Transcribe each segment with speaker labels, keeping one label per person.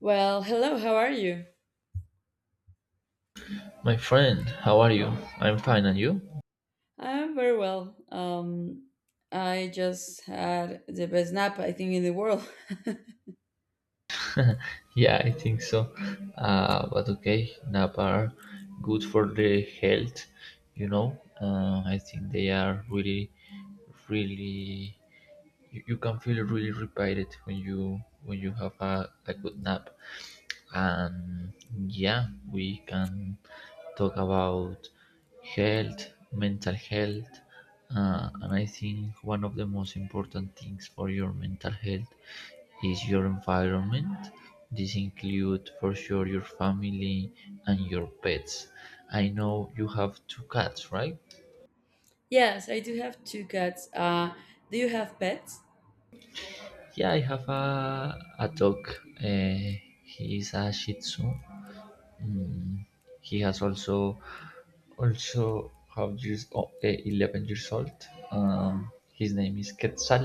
Speaker 1: Well, hello, how are you?
Speaker 2: My friend, how are you? I'm fine, and you?
Speaker 1: I'm very well. I just had the best nap, I think, in the world.
Speaker 2: Yeah, I think so. But okay, nap are good for the health, you know. I think they are really, really. You can feel really repaired when you have a good nap. And yeah, we can talk about health, mental health, and I think one of the most important things for your mental health is your environment. This includes for sure your family and your pets. I know you have two cats, right?
Speaker 1: Yes, I do have two cats. Do you have pets?
Speaker 2: Yeah, I have a dog. Uh, he is a Shih Tzu. Mm, He has also also have years 11 years old.
Speaker 1: Oh,
Speaker 2: His name is Quetzal,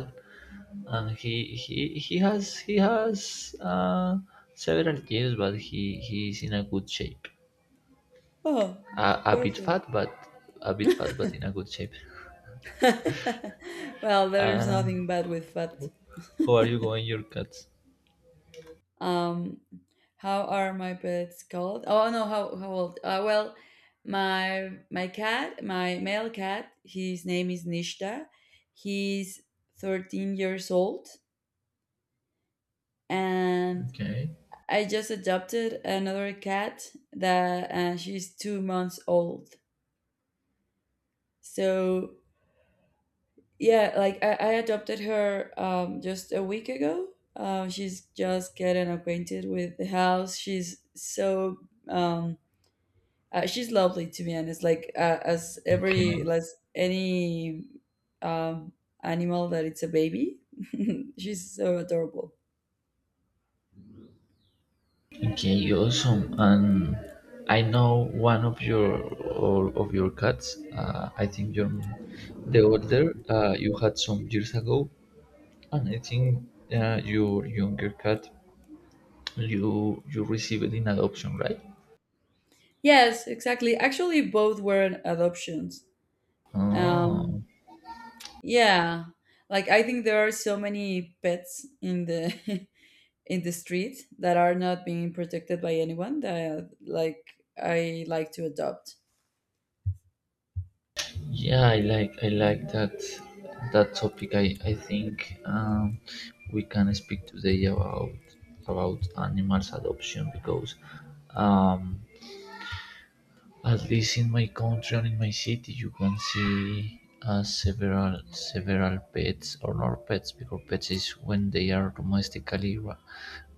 Speaker 2: and he has several years, but he is in a good shape.
Speaker 1: oh,
Speaker 2: A bit
Speaker 1: perfect.
Speaker 2: fat, but a bit fat, but in a good shape.
Speaker 1: Well, there's
Speaker 2: Uh,
Speaker 1: nothing bad with pet.
Speaker 2: how are you going, your cats?
Speaker 1: Um, how are my pets called? Oh no, how old? Well, my cat, my male cat, his name is Nishta. He's 13 years old, and
Speaker 2: Okay,
Speaker 1: I just adopted another cat that she's 2 months old. So yeah, like I adopted her just a week ago. She's just getting acquainted with the house. She's so um, she's lovely, to be honest. Like as
Speaker 2: okay,
Speaker 1: every as any um, animal that it's a baby, she's so adorable.
Speaker 2: okay, awesome. And I know one of your all of your cats. I think you're the older you had some years ago, and I think your younger cat you received in adoption, right?
Speaker 1: Yes, exactly. Actually, both were adoptions. Um,
Speaker 2: Oh,
Speaker 1: Yeah. Like, I think there are so many pets in the in the street that are not being protected by anyone, that like I like to adopt.
Speaker 2: yeah, I like I like that that topic. I think, we can speak today about animals adoption. Because um at least in my country and in my city, you can see several several pets or not pets because pets is when they are domestically,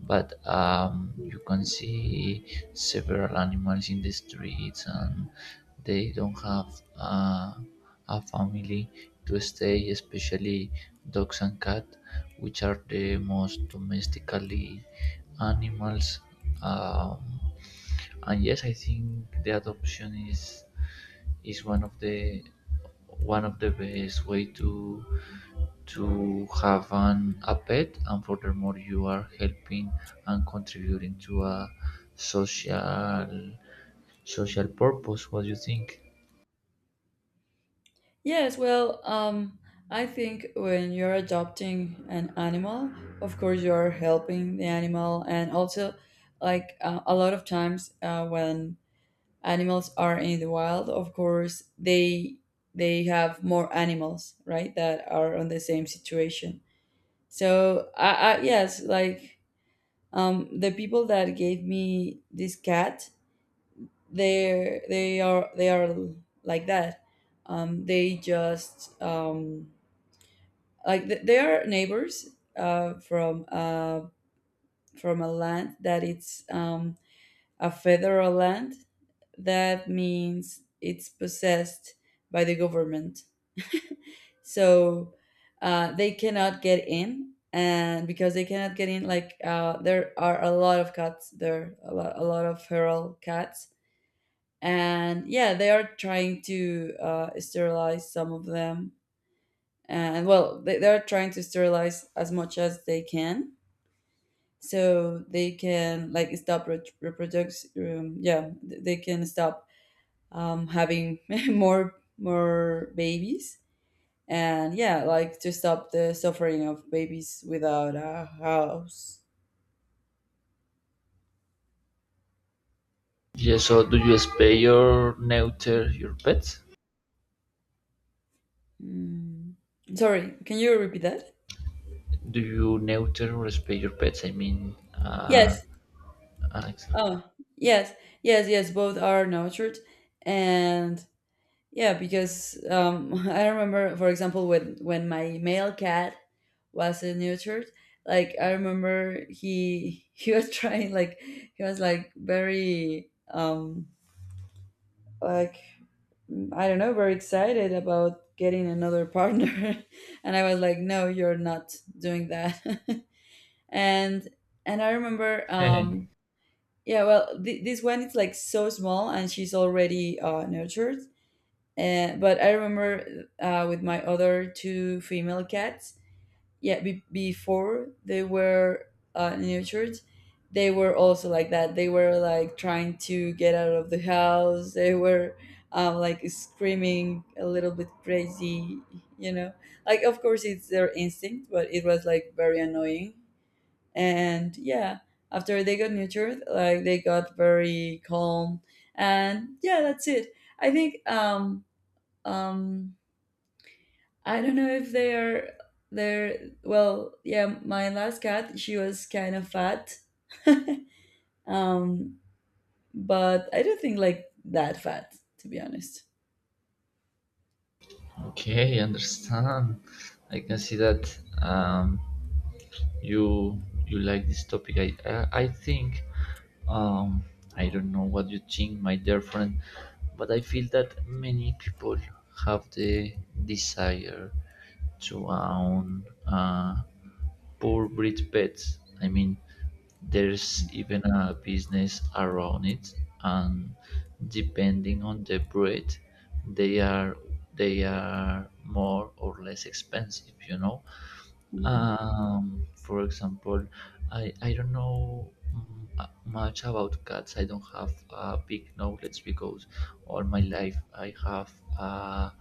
Speaker 2: but you can see several animals in the streets, and they don't have a family to stay, especially dogs and cats, which are the most domestically animals. Um, and yes, I think the adoption is one of the best way to have an a pet, and furthermore you are helping and contributing to a social social purpose. What do you think?
Speaker 1: Yes, well, I think when you're adopting an animal, of course you're helping the animal, and also like a lot of times when animals are in the wild, of course they have more animals, right, that are on the same situation. So I yes, like, the people that gave me this cat, they are like that. They just like they are neighbors uh, from uh, from a land that it's a federal land. That means it's possessed by the government. So they cannot get in, and because they cannot get in, like there are a lot of cats there, a lot of feral cats. And yeah, they are trying to sterilize some of them, and well they're trying to sterilize as much as they can, so they can like stop reproduce. Yeah, they can stop having more babies, and yeah, like to stop the suffering of babies without a house.
Speaker 2: Yeah, so do you spay or neuter your pets?
Speaker 1: Mm. Sorry, can you repeat that?
Speaker 2: Do you neuter or spay your pets? i mean
Speaker 1: Yes.
Speaker 2: uh Alex.
Speaker 1: Oh, yes, yes, yes. Both are nurtured, and yeah, because I remember, for example, when my male cat was nurtured, like I remember he he was trying like he was like very like I don't know, very excited about getting another partner. And I was like, no, you're not doing that. and and I remember, yeah, well, this one is like so small, and she's already nurtured. But I remember with my other two female cats, yeah, before they were nurtured, they were also like that. They were like trying to get out of the house, they were like screaming a little bit crazy, you know, like of course it's their instinct, but it was like very annoying. And yeah, after they got nurtured, like they got very calm. And yeah, that's it. I think um I don't know if they're well, yeah, my last cat, she was kind of fat. um, but I don't think like that fat, to be honest.
Speaker 2: Okay, understand. I can see that um, you you like this topic. I think, um, I don't know what you think, my dear friend, but I feel that many people have the desire to own. Poor breed pets. I mean, there's even a business around it, and depending on the breed, they are they are more or less expensive. You know,
Speaker 1: Mhm,
Speaker 2: for example, I don't know much about cats. I don't have a big knowledge because all my life I have uh,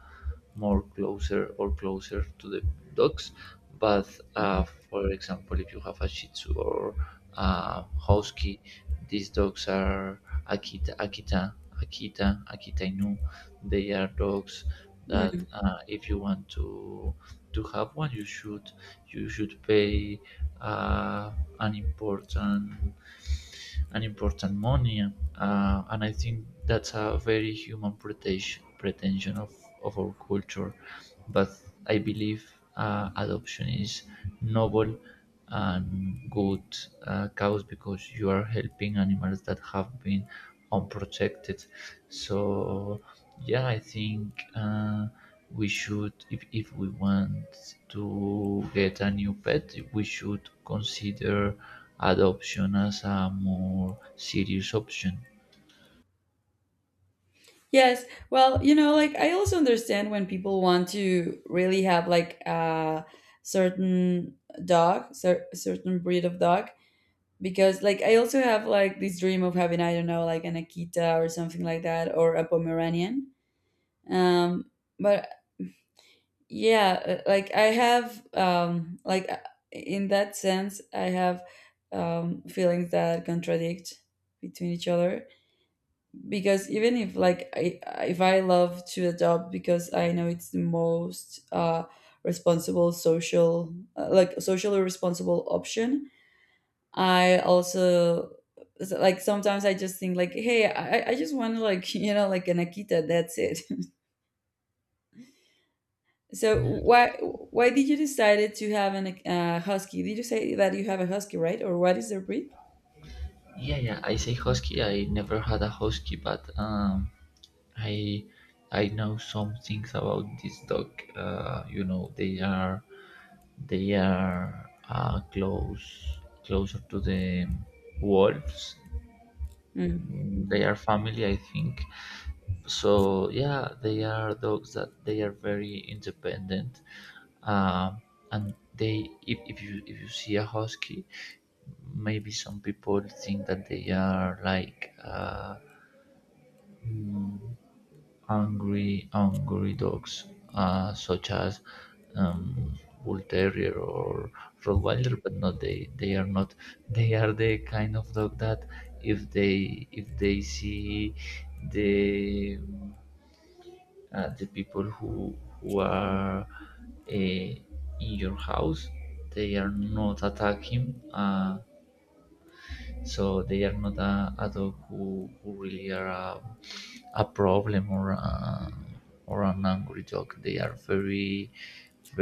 Speaker 2: more closer or closer to the dogs. But uh,
Speaker 1: mhm,
Speaker 2: for example, if you have a Shih Tzu or a Husky, these dogs are Akita, Akita, Akita, Akita Inu. They are dogs that
Speaker 1: mhm.
Speaker 2: if you want to have one, you should pay uh, an important an important money, and I think that's a very human pretension pretension of our culture. But I believe adoption is noble and good, cause because you are helping animals that have been unprotected. So yeah, I think. We should, if we want to get a new pet we should consider adoption as a more serious option.
Speaker 1: Yes. Well, you know, like I also understand when people want to really have like a certain dog, certain breed of dog, because like I also have like this dream of having, I don't know, like an Akita or something like that, or a Pomeranian. Um, but yeah like I have in that sense I have feelings that contradict between each other, because even if like I if I love to adopt, because I know it's the most responsible social like socially responsible option, I also like sometimes I just think like, hey I just want to, like, you know, like an akita, that's it. So why did you decided to have an husky? Did you say that you have a husky, right? Or what is their breed?
Speaker 2: Yeah, yeah, I say husky. I never had a husky, but I I know some things about this dog. You know, they are close closer to the wolves.
Speaker 1: Mm.
Speaker 2: Mm,
Speaker 1: Mm-hmm.
Speaker 2: they are family, I think. So yeah, they are dogs that they are very independent, um, and they if you see a husky, maybe some people think that they are like mm, angry angry dogs, such as um, bull terrier or rottweiler, but no, they they are not. They are the kind of dog that if they see the the people who are uh, in your house, they are not attacking, so they are not a dog who really are a problem or or an angry dog. They are very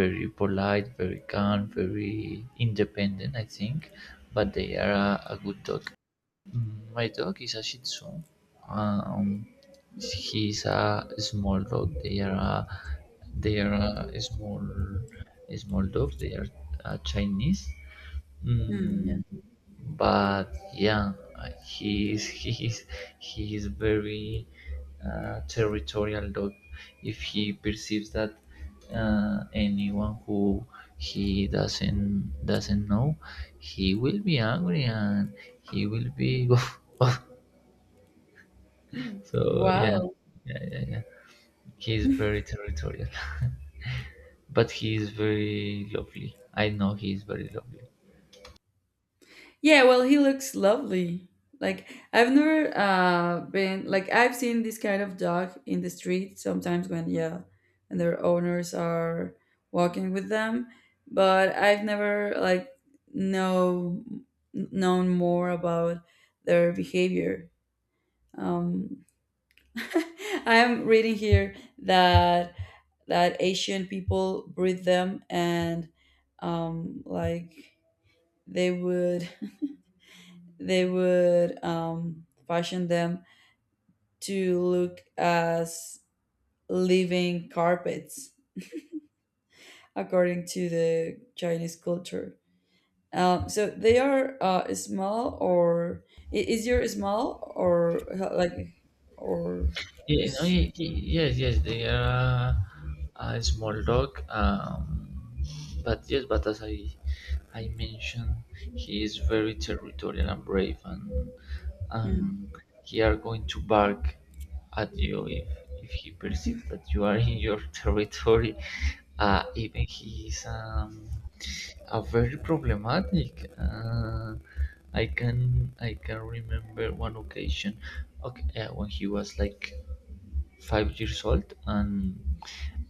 Speaker 2: very polite, very calm, very independent, I think. But they are a good dog. My dog is a Shih Tzu. Um, he's a small dog. They are small small dogs. They are Chinese.
Speaker 1: Mm, yeah.
Speaker 2: Mm, but yeah, he is he is very territorial dog. If he perceives that anyone who he doesn't know, he will be angry, and he will be woof, woof.
Speaker 1: Mm.
Speaker 2: So yeah,
Speaker 1: Wow.
Speaker 2: yeah, yeah, yeah. He is very territorial, but he is very lovely. I know he is very lovely.
Speaker 1: Yeah, well, he looks lovely. Like I've never been like I've seen this kind of dog in the street sometimes when yeah, and their owners are walking with them, but I've never like know known more about their behavior. Um, I am reading here that Asian people breed them, and like they would they would fashion them to look as living carpets, according to the Chinese culture. So they are small, or is your small, or like, or
Speaker 2: Yeah, no,
Speaker 1: there's.
Speaker 2: yes, yes, they are a small dog. But yes, but as I mentioned, he is very territorial and brave, and
Speaker 1: Hmm.
Speaker 2: um, he are going to bark at you if he perceives that you are in your territory. Even he is a very problematic. I can remember one occasion, okay, when he was like 5 years old, and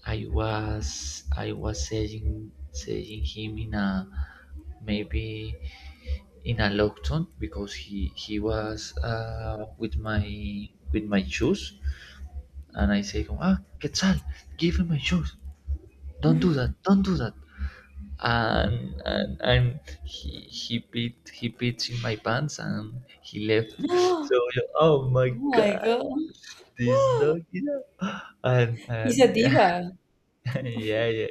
Speaker 2: I was saying him in a maybe in a lock tone because he was with my shoes, and I say, ah, Quetzal, give me my shoes. Don't do that. Don't do that. And he beats in my pants and he left. So
Speaker 1: Oh
Speaker 2: oh my
Speaker 1: my
Speaker 2: god, this
Speaker 1: god,
Speaker 2: dog, you know,
Speaker 1: he's a
Speaker 2: and yeah.
Speaker 1: diva.
Speaker 2: Yeah, yeah,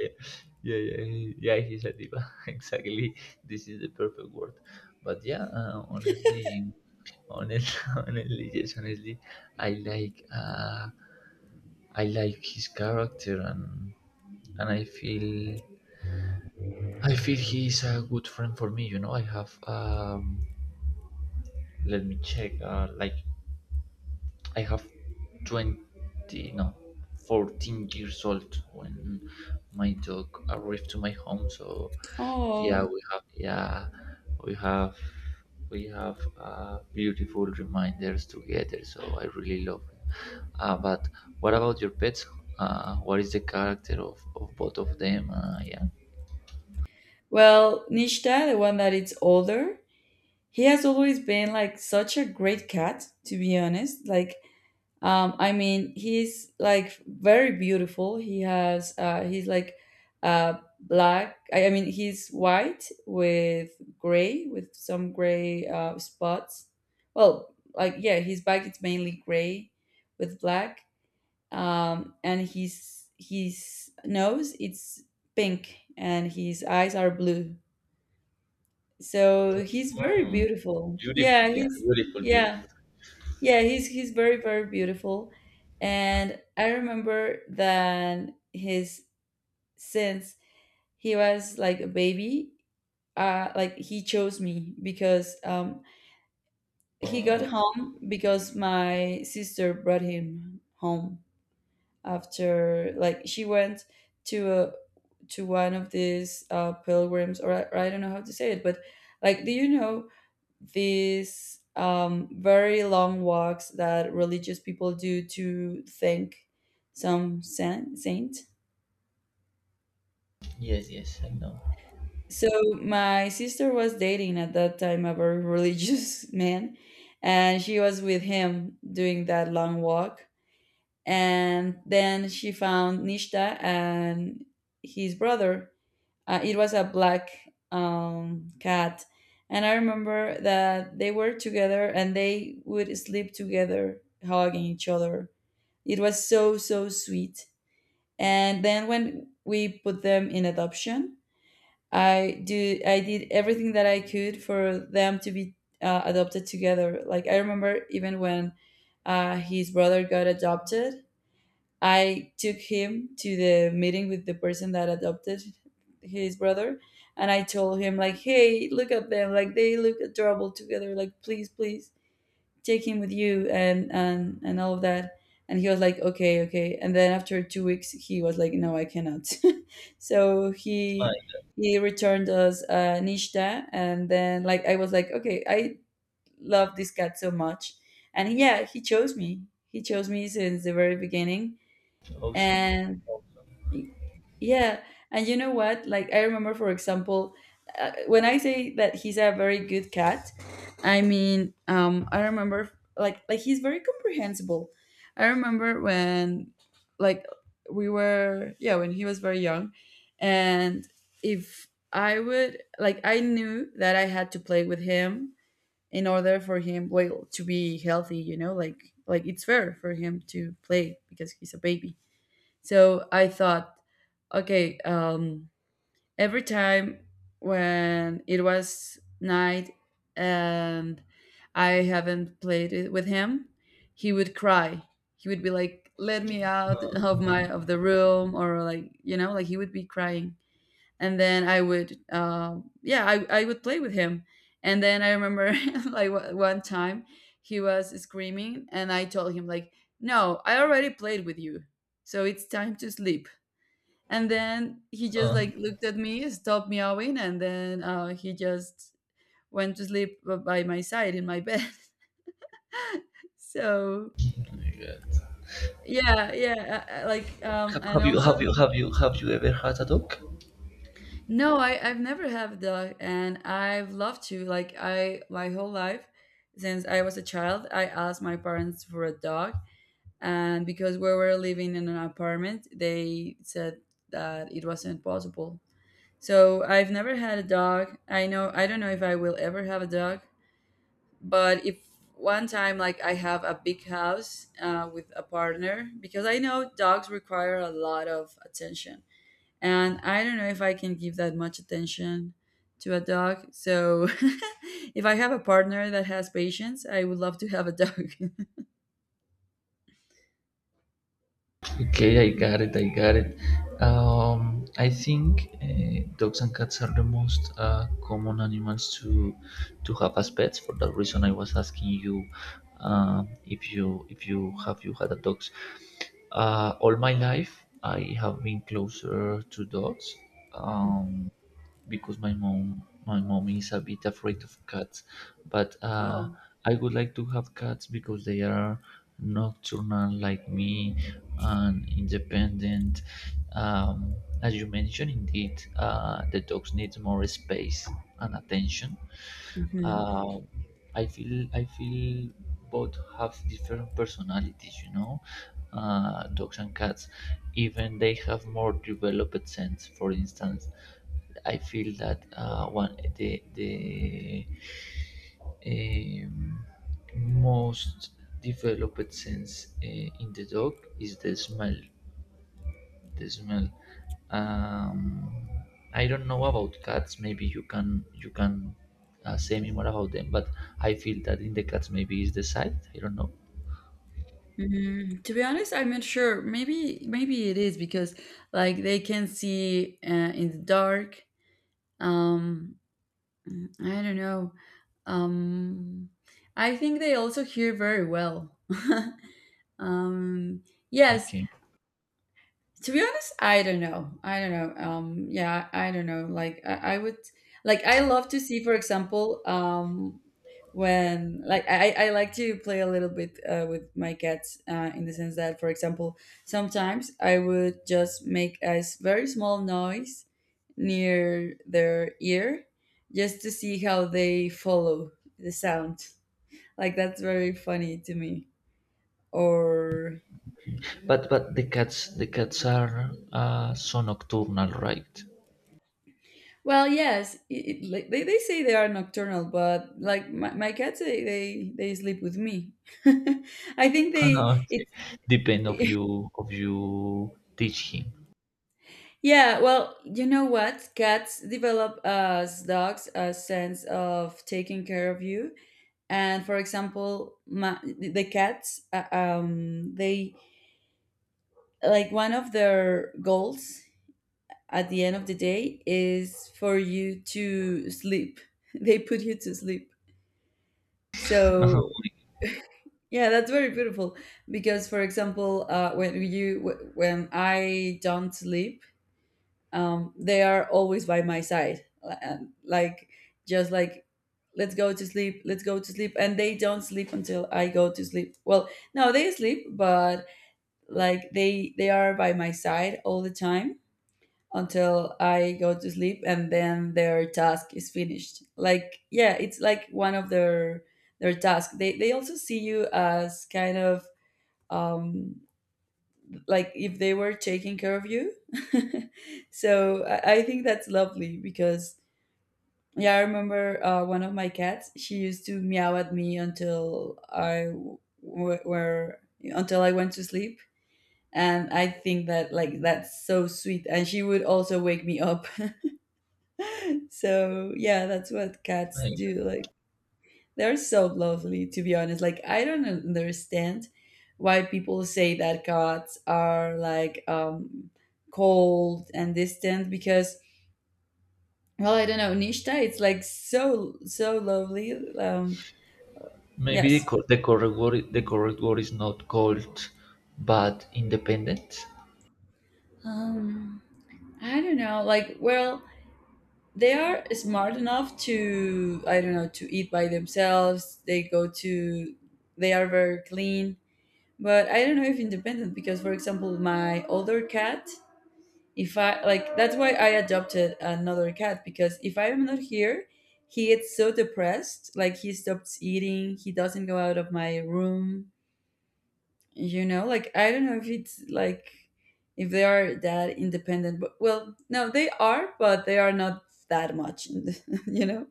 Speaker 2: yeah, yeah, yeah, yeah. He's a diva. Exactly. This is the perfect word. But yeah, honestly, I like, uh, I like his character, and and I feel, I feel he is a good friend for me. You know, I have, let me check, like I have 20, no, 14 years old when my dog arrived to my home. So yeah,
Speaker 1: Oh,
Speaker 2: we have, yeah, we have, we have beautiful reminders together. So I really love it. But what about your pets? What is the character of both of them? Yeah.
Speaker 1: well, Nishta, the one that is older, he has always been like such a great cat, to be honest. Like, I mean, he's like very beautiful. He has he's like black. I mean, he's white with gray, with some gray spots. Well, like yeah, his back it's mainly gray with black. And his nose it's pink, and his eyes are blue. So he's very
Speaker 2: Mm,
Speaker 1: beautiful.
Speaker 2: beautiful,
Speaker 1: Yeah,
Speaker 2: yeah,
Speaker 1: he's
Speaker 2: beautiful,
Speaker 1: yeah
Speaker 2: beautiful.
Speaker 1: yeah, he's very very beautiful, and I remember that his since he was like a baby, like he chose me, because he got
Speaker 2: Uh,
Speaker 1: home because my sister brought him home after like she went to a to one of these pilgrims, or or I don't know how to say it, but like, do you know these very long walks that religious people do to thank some saint.
Speaker 2: yes, yes, I know.
Speaker 1: So my sister was dating at that time a very religious man, and she was with him doing that long walk. And then she found Nishta and his brother. It was a black cat, and I remember that they were together and they would sleep together, hugging each other. It was so so sweet. And then when we put them in adoption, I did everything that I could for them to be adopted together. Like I remember even when his brother got adopted, I took him to the meeting with the person that adopted his brother, and I told him like, "Hey, look at them! Like they look adorable together! Like please, please take him with you and all of that." And he was like, "Okay, okay." And then after 2 weeks, he was like, "No, I cannot." So
Speaker 2: My,
Speaker 1: he returned us Nishta, and then like I was like, "Okay, I love this cat so much," and yeah, he chose me. He chose me since the very beginning.
Speaker 2: awesome.
Speaker 1: And Y- Yeah, and you know what? Like I remember, for example, when I say that he's a very good cat, I mean I remember like he's very comprehensible. I remember when like we were yeah when he was very young, and if I would like I knew that I had to play with him in order for him well to be healthy, you know, like it's fair for him to play because he's a baby. So I thought, okay, every time when it was night and I haven't played it with him, he would cry. He would be like, "Let me out of my of the room," or like, you know, like he would be crying. And then I would, yeah, I would play with him. And then I remember like one time he was screaming, and I told him like, "No, I already played with you. So it's time to sleep." And then he just
Speaker 2: Uh,
Speaker 1: like looked at me, stopped meowing, and then he just went to sleep by my side in my bed. So
Speaker 2: yeah.
Speaker 1: yeah, yeah, like and also
Speaker 2: Have you ever had a dog?
Speaker 1: no, I I've never had a dog, and I've loved to, like, I my whole life since I was a child, I asked my parents for a dog, and because we were living in an apartment, they said that it wasn't possible. So I've never had a dog. I know I don't know if I will ever have a dog, but if one time like I have a big house with a partner, because I know dogs require a lot of attention, and I don't know if I can give that much attention to a dog. So if I have a partner that has patience, I would love to have a dog.
Speaker 2: Okay, I got it. I got it. I think dogs and cats are the most common animals to have as pets. For that reason, I was asking you if you have you had a dogs. All my life, I have been closer to dogs. Um, because my mom is a bit afraid of cats, but
Speaker 1: Oh.
Speaker 2: I would like to have cats because they are nocturnal like me and independent. um, as you mentioned indeed, the dogs need more space and attention.
Speaker 1: Hmm.
Speaker 2: um, I feel both have different personalities, you know, dogs and cats. Even they have more developed sense. For instance, I feel that one the um, most developed sense in the dog is the smell. The smell. Um, I don't know about cats. Maybe you can say me more about them. But I feel that in the cats maybe is the sight. I don't know.
Speaker 1: Mm, to be honest, I'm not sure. Maybe, maybe it is because like they can see in the dark. Um, I don't know. Um, I think they also hear very well. um, yes,
Speaker 2: Okay,
Speaker 1: to be honest, I don't know. I don't know. Yeah, I don't know. Like I would like I love to see, for example, when I like to play a little bit with my cats in the sense that, for example, sometimes I would just make very small noise near their ear just to see how they follow the sound. Like that's very funny to me. Or
Speaker 2: but the cats are so nocturnal, right?
Speaker 1: well, yes, they say they are nocturnal, but like my cats, they sleep with me. I think
Speaker 2: No,
Speaker 1: they
Speaker 2: okay. Depend of
Speaker 1: it's
Speaker 2: you teach him.
Speaker 1: yeah. Well, you know what? Cats develop as dogs a sense of taking care of you. And for example, the cats, they like one of their goals at the end of the day is for you to sleep. They put you to sleep. So yeah, that's very beautiful because, for example, when when I don't sleep, they are always by my side, and just like let's go to sleep, let's go to sleep, and they don't sleep until I go to sleep. Well, no, they sleep, but like they are by my side all the time until I go to sleep, and then their task is finished. Like yeah, it's like one of their task. They also see you as kind of um, like if they were taking care of you. So I think that's lovely because yeah, I remember one of my cats. She used to meow at me until I w- were until I went to sleep, and I think that like that's so sweet. And she would also wake me up. So yeah, that's what cats do. Like, they're so lovely, to be honest. Like, I don't understand why people say that cats are like cold and distant because, well, I don't know. Nishta, it's like so lovely.
Speaker 2: Maybe the,
Speaker 1: Yes.
Speaker 2: the correct word is not cold, but independent.
Speaker 1: Um, I don't know. Like, well, they are smart enough to, I don't know, to eat by themselves. They are very clean. But I don't know if independent because, for example, my older cat, if I that's why I adopted another cat, because if I am not here, he gets so depressed. Like he stops eating, he doesn't go out of my room. You know, like I don't know if it's like if they are that independent, but well, no, they are, but they are not that much. You know?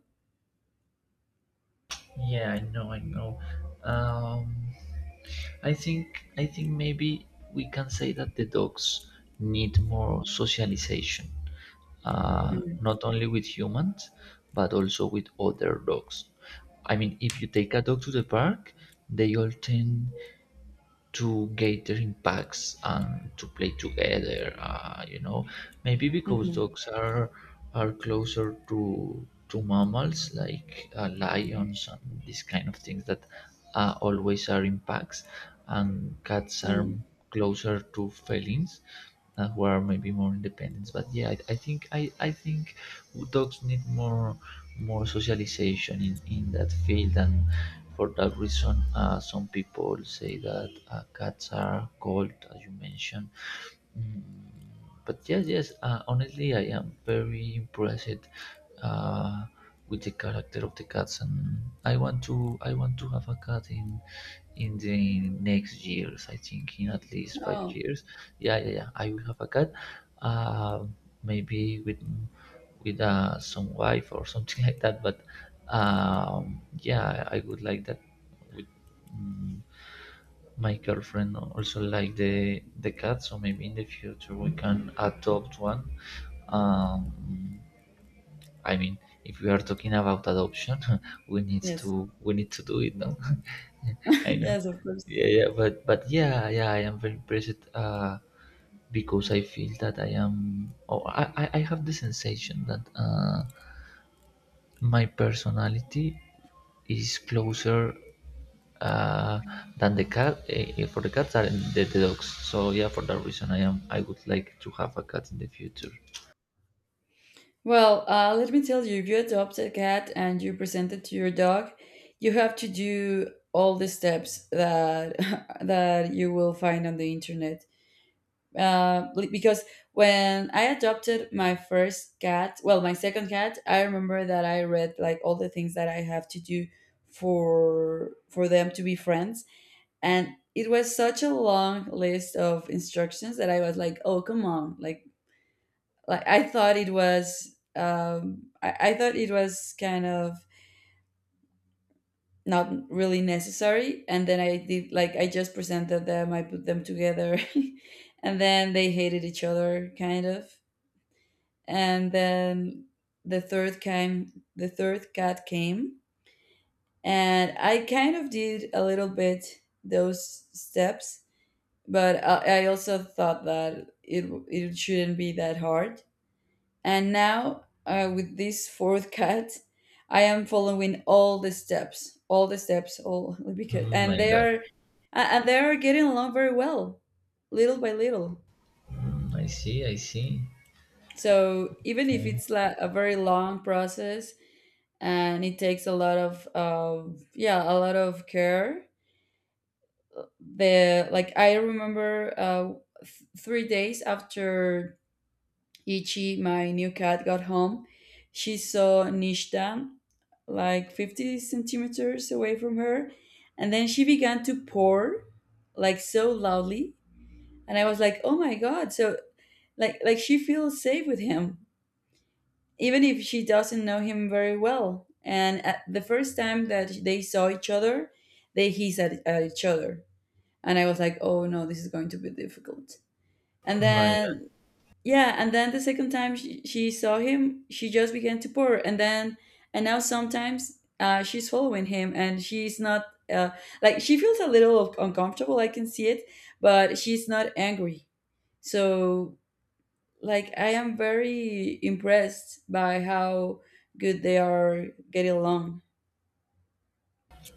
Speaker 2: Yeah, I know, I know. Um, I think maybe we can say that the dogs need more socialization,
Speaker 1: Mm-hmm.
Speaker 2: not only with humans, but also with other dogs. I mean, if you take a dog to the park, they all tend to gather in packs and to play together. You know, maybe because
Speaker 1: Mm-hmm.
Speaker 2: dogs are closer to mammals like lions and these kind of things that always are in packs, and cats are
Speaker 1: Mm.
Speaker 2: closer to felines who are maybe more independent. But yeah, I think dogs need more more socialization in that field, and for that reason, some people say that cats are cold, as you mentioned. Mm, but yes, yes. Honestly, I am very impressed uh, with the character of the cats, and I want to have a cat in the next years. I think in at least five
Speaker 1: Oh.
Speaker 2: years Yeah, yeah, yeah. I will have a cat, uh, maybe with some wife or something like that. But yeah, I would like that with mm, my girlfriend also like the cat, so maybe in the future we can adopt one. um, I mean, if we are talking about adoption,
Speaker 1: Yes.
Speaker 2: we need to do it, no? I know.
Speaker 1: Yes, of course.
Speaker 2: Yeah, yeah, but yeah, yeah, I am very impressed because I feel that I am. Oh, I have the sensation that my personality is closer uh, than the cat for the cats and the dogs. So yeah, for that reason, I am. I would like to have a cat in the future.
Speaker 1: Well, let me tell you, if you adopt a cat and you present it to your dog, you have to do all the steps that that you will find on the internet. Because when I adopted my first cat, well, my second cat, I remember that I read like all the things that I have to do for them to be friends, and it was such a long list of instructions that I was like, "Oh, come on!" Like I thought it was I thought it was kind of not really necessary, and then I did, like I just presented them, I put them together and then they hated each other kind of, and then the third cat came, and I kind of did a little bit those steps, but I also thought that it shouldn't be that hard. And now, with this fourth cat, I am following all the steps, all the steps, all because,
Speaker 2: Mm, my God,
Speaker 1: and they are getting along very well, little by little.
Speaker 2: mm, I see, I see.
Speaker 1: So even if
Speaker 2: Okay.
Speaker 1: it's like a very long process, and it takes a lot of, yeah, a lot of care. The like I remember, 3 days after Ichi, my new cat, got home, she saw Nishta like 50 centimeters away from her. And then she began to pour like so loudly. And I was like, oh my God. So, like she feels safe with him, even if she doesn't know him very well. And at the first time that they saw each other, they hissed at each other. And I was like, oh no, this is going to be difficult. And
Speaker 2: My God,
Speaker 1: then yeah, and then the second time she saw him, she just began to pour, and then, and now sometimes she's following him, and she's not uh, like she feels a little uncomfortable, I can see it, but she's not angry. So like I am very impressed by how good they are getting along.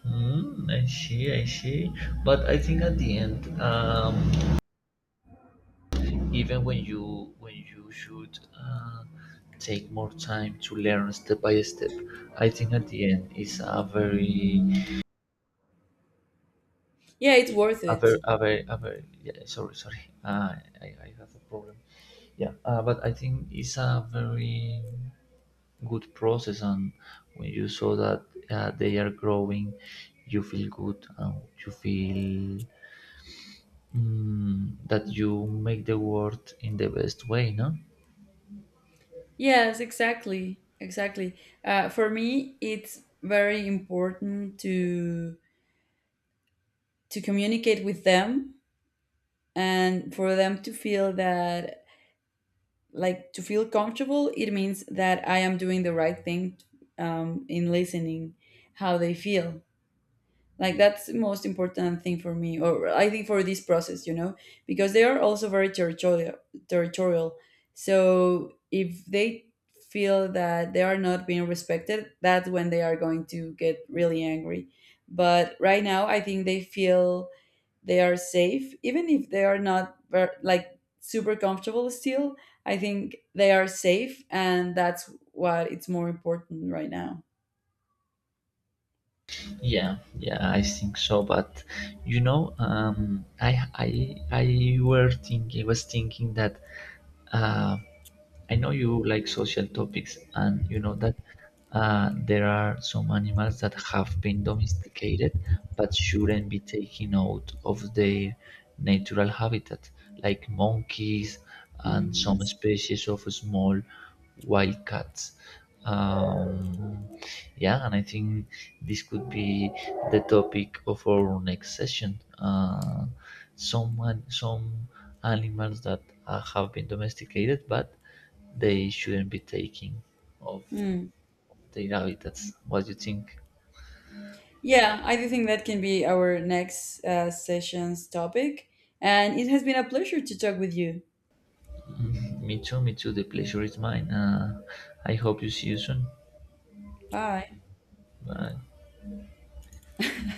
Speaker 2: mm, I see, I see. But I think at the end, even when you should take more time to learn step by step, I think at the end is a very
Speaker 1: Yeah, it's worth it.
Speaker 2: a very yeah, sorry sorry, I have a problem. Yeah, but I think it's a very good process, and when you saw that they are growing you feel good, and you feel, mm, that you make the world in the best way, no?
Speaker 1: Yes, exactly, exactly. For me, it's very important to communicate with them, and for them to feel that, like to feel comfortable, it means that I am doing the right thing. Um, in listening how they feel, like that's the most important thing for me, or I think for this process, you know, because they are also very territorial. Territorial. So if they feel that they are not being respected, that's when they are going to get really angry. But right now I think they feel they are safe, even if they are not like super comfortable still, I think they are safe, and that's what it's more important right now.
Speaker 2: Yeah, yeah, I think so. But you know, I were thinking, was thinking that uh, I know you like social topics, and you know that there are some animals that have been domesticated but shouldn't be taken out of their natural habitat, like monkeys and
Speaker 1: Mm,
Speaker 2: some
Speaker 1: yes.
Speaker 2: species of small wild cats. Um, yeah, and I think this could be the topic of our next session. Some some animals that have been domesticated, but they shouldn't be taking of
Speaker 1: Mm.
Speaker 2: their habitats. What do you think?
Speaker 1: Yeah, I do think that can be our next session's topic. And it has been a pleasure to talk with you.
Speaker 2: Mm, me too, me too. The pleasure is mine. I hope you see you soon.
Speaker 1: Bye.
Speaker 2: Bye.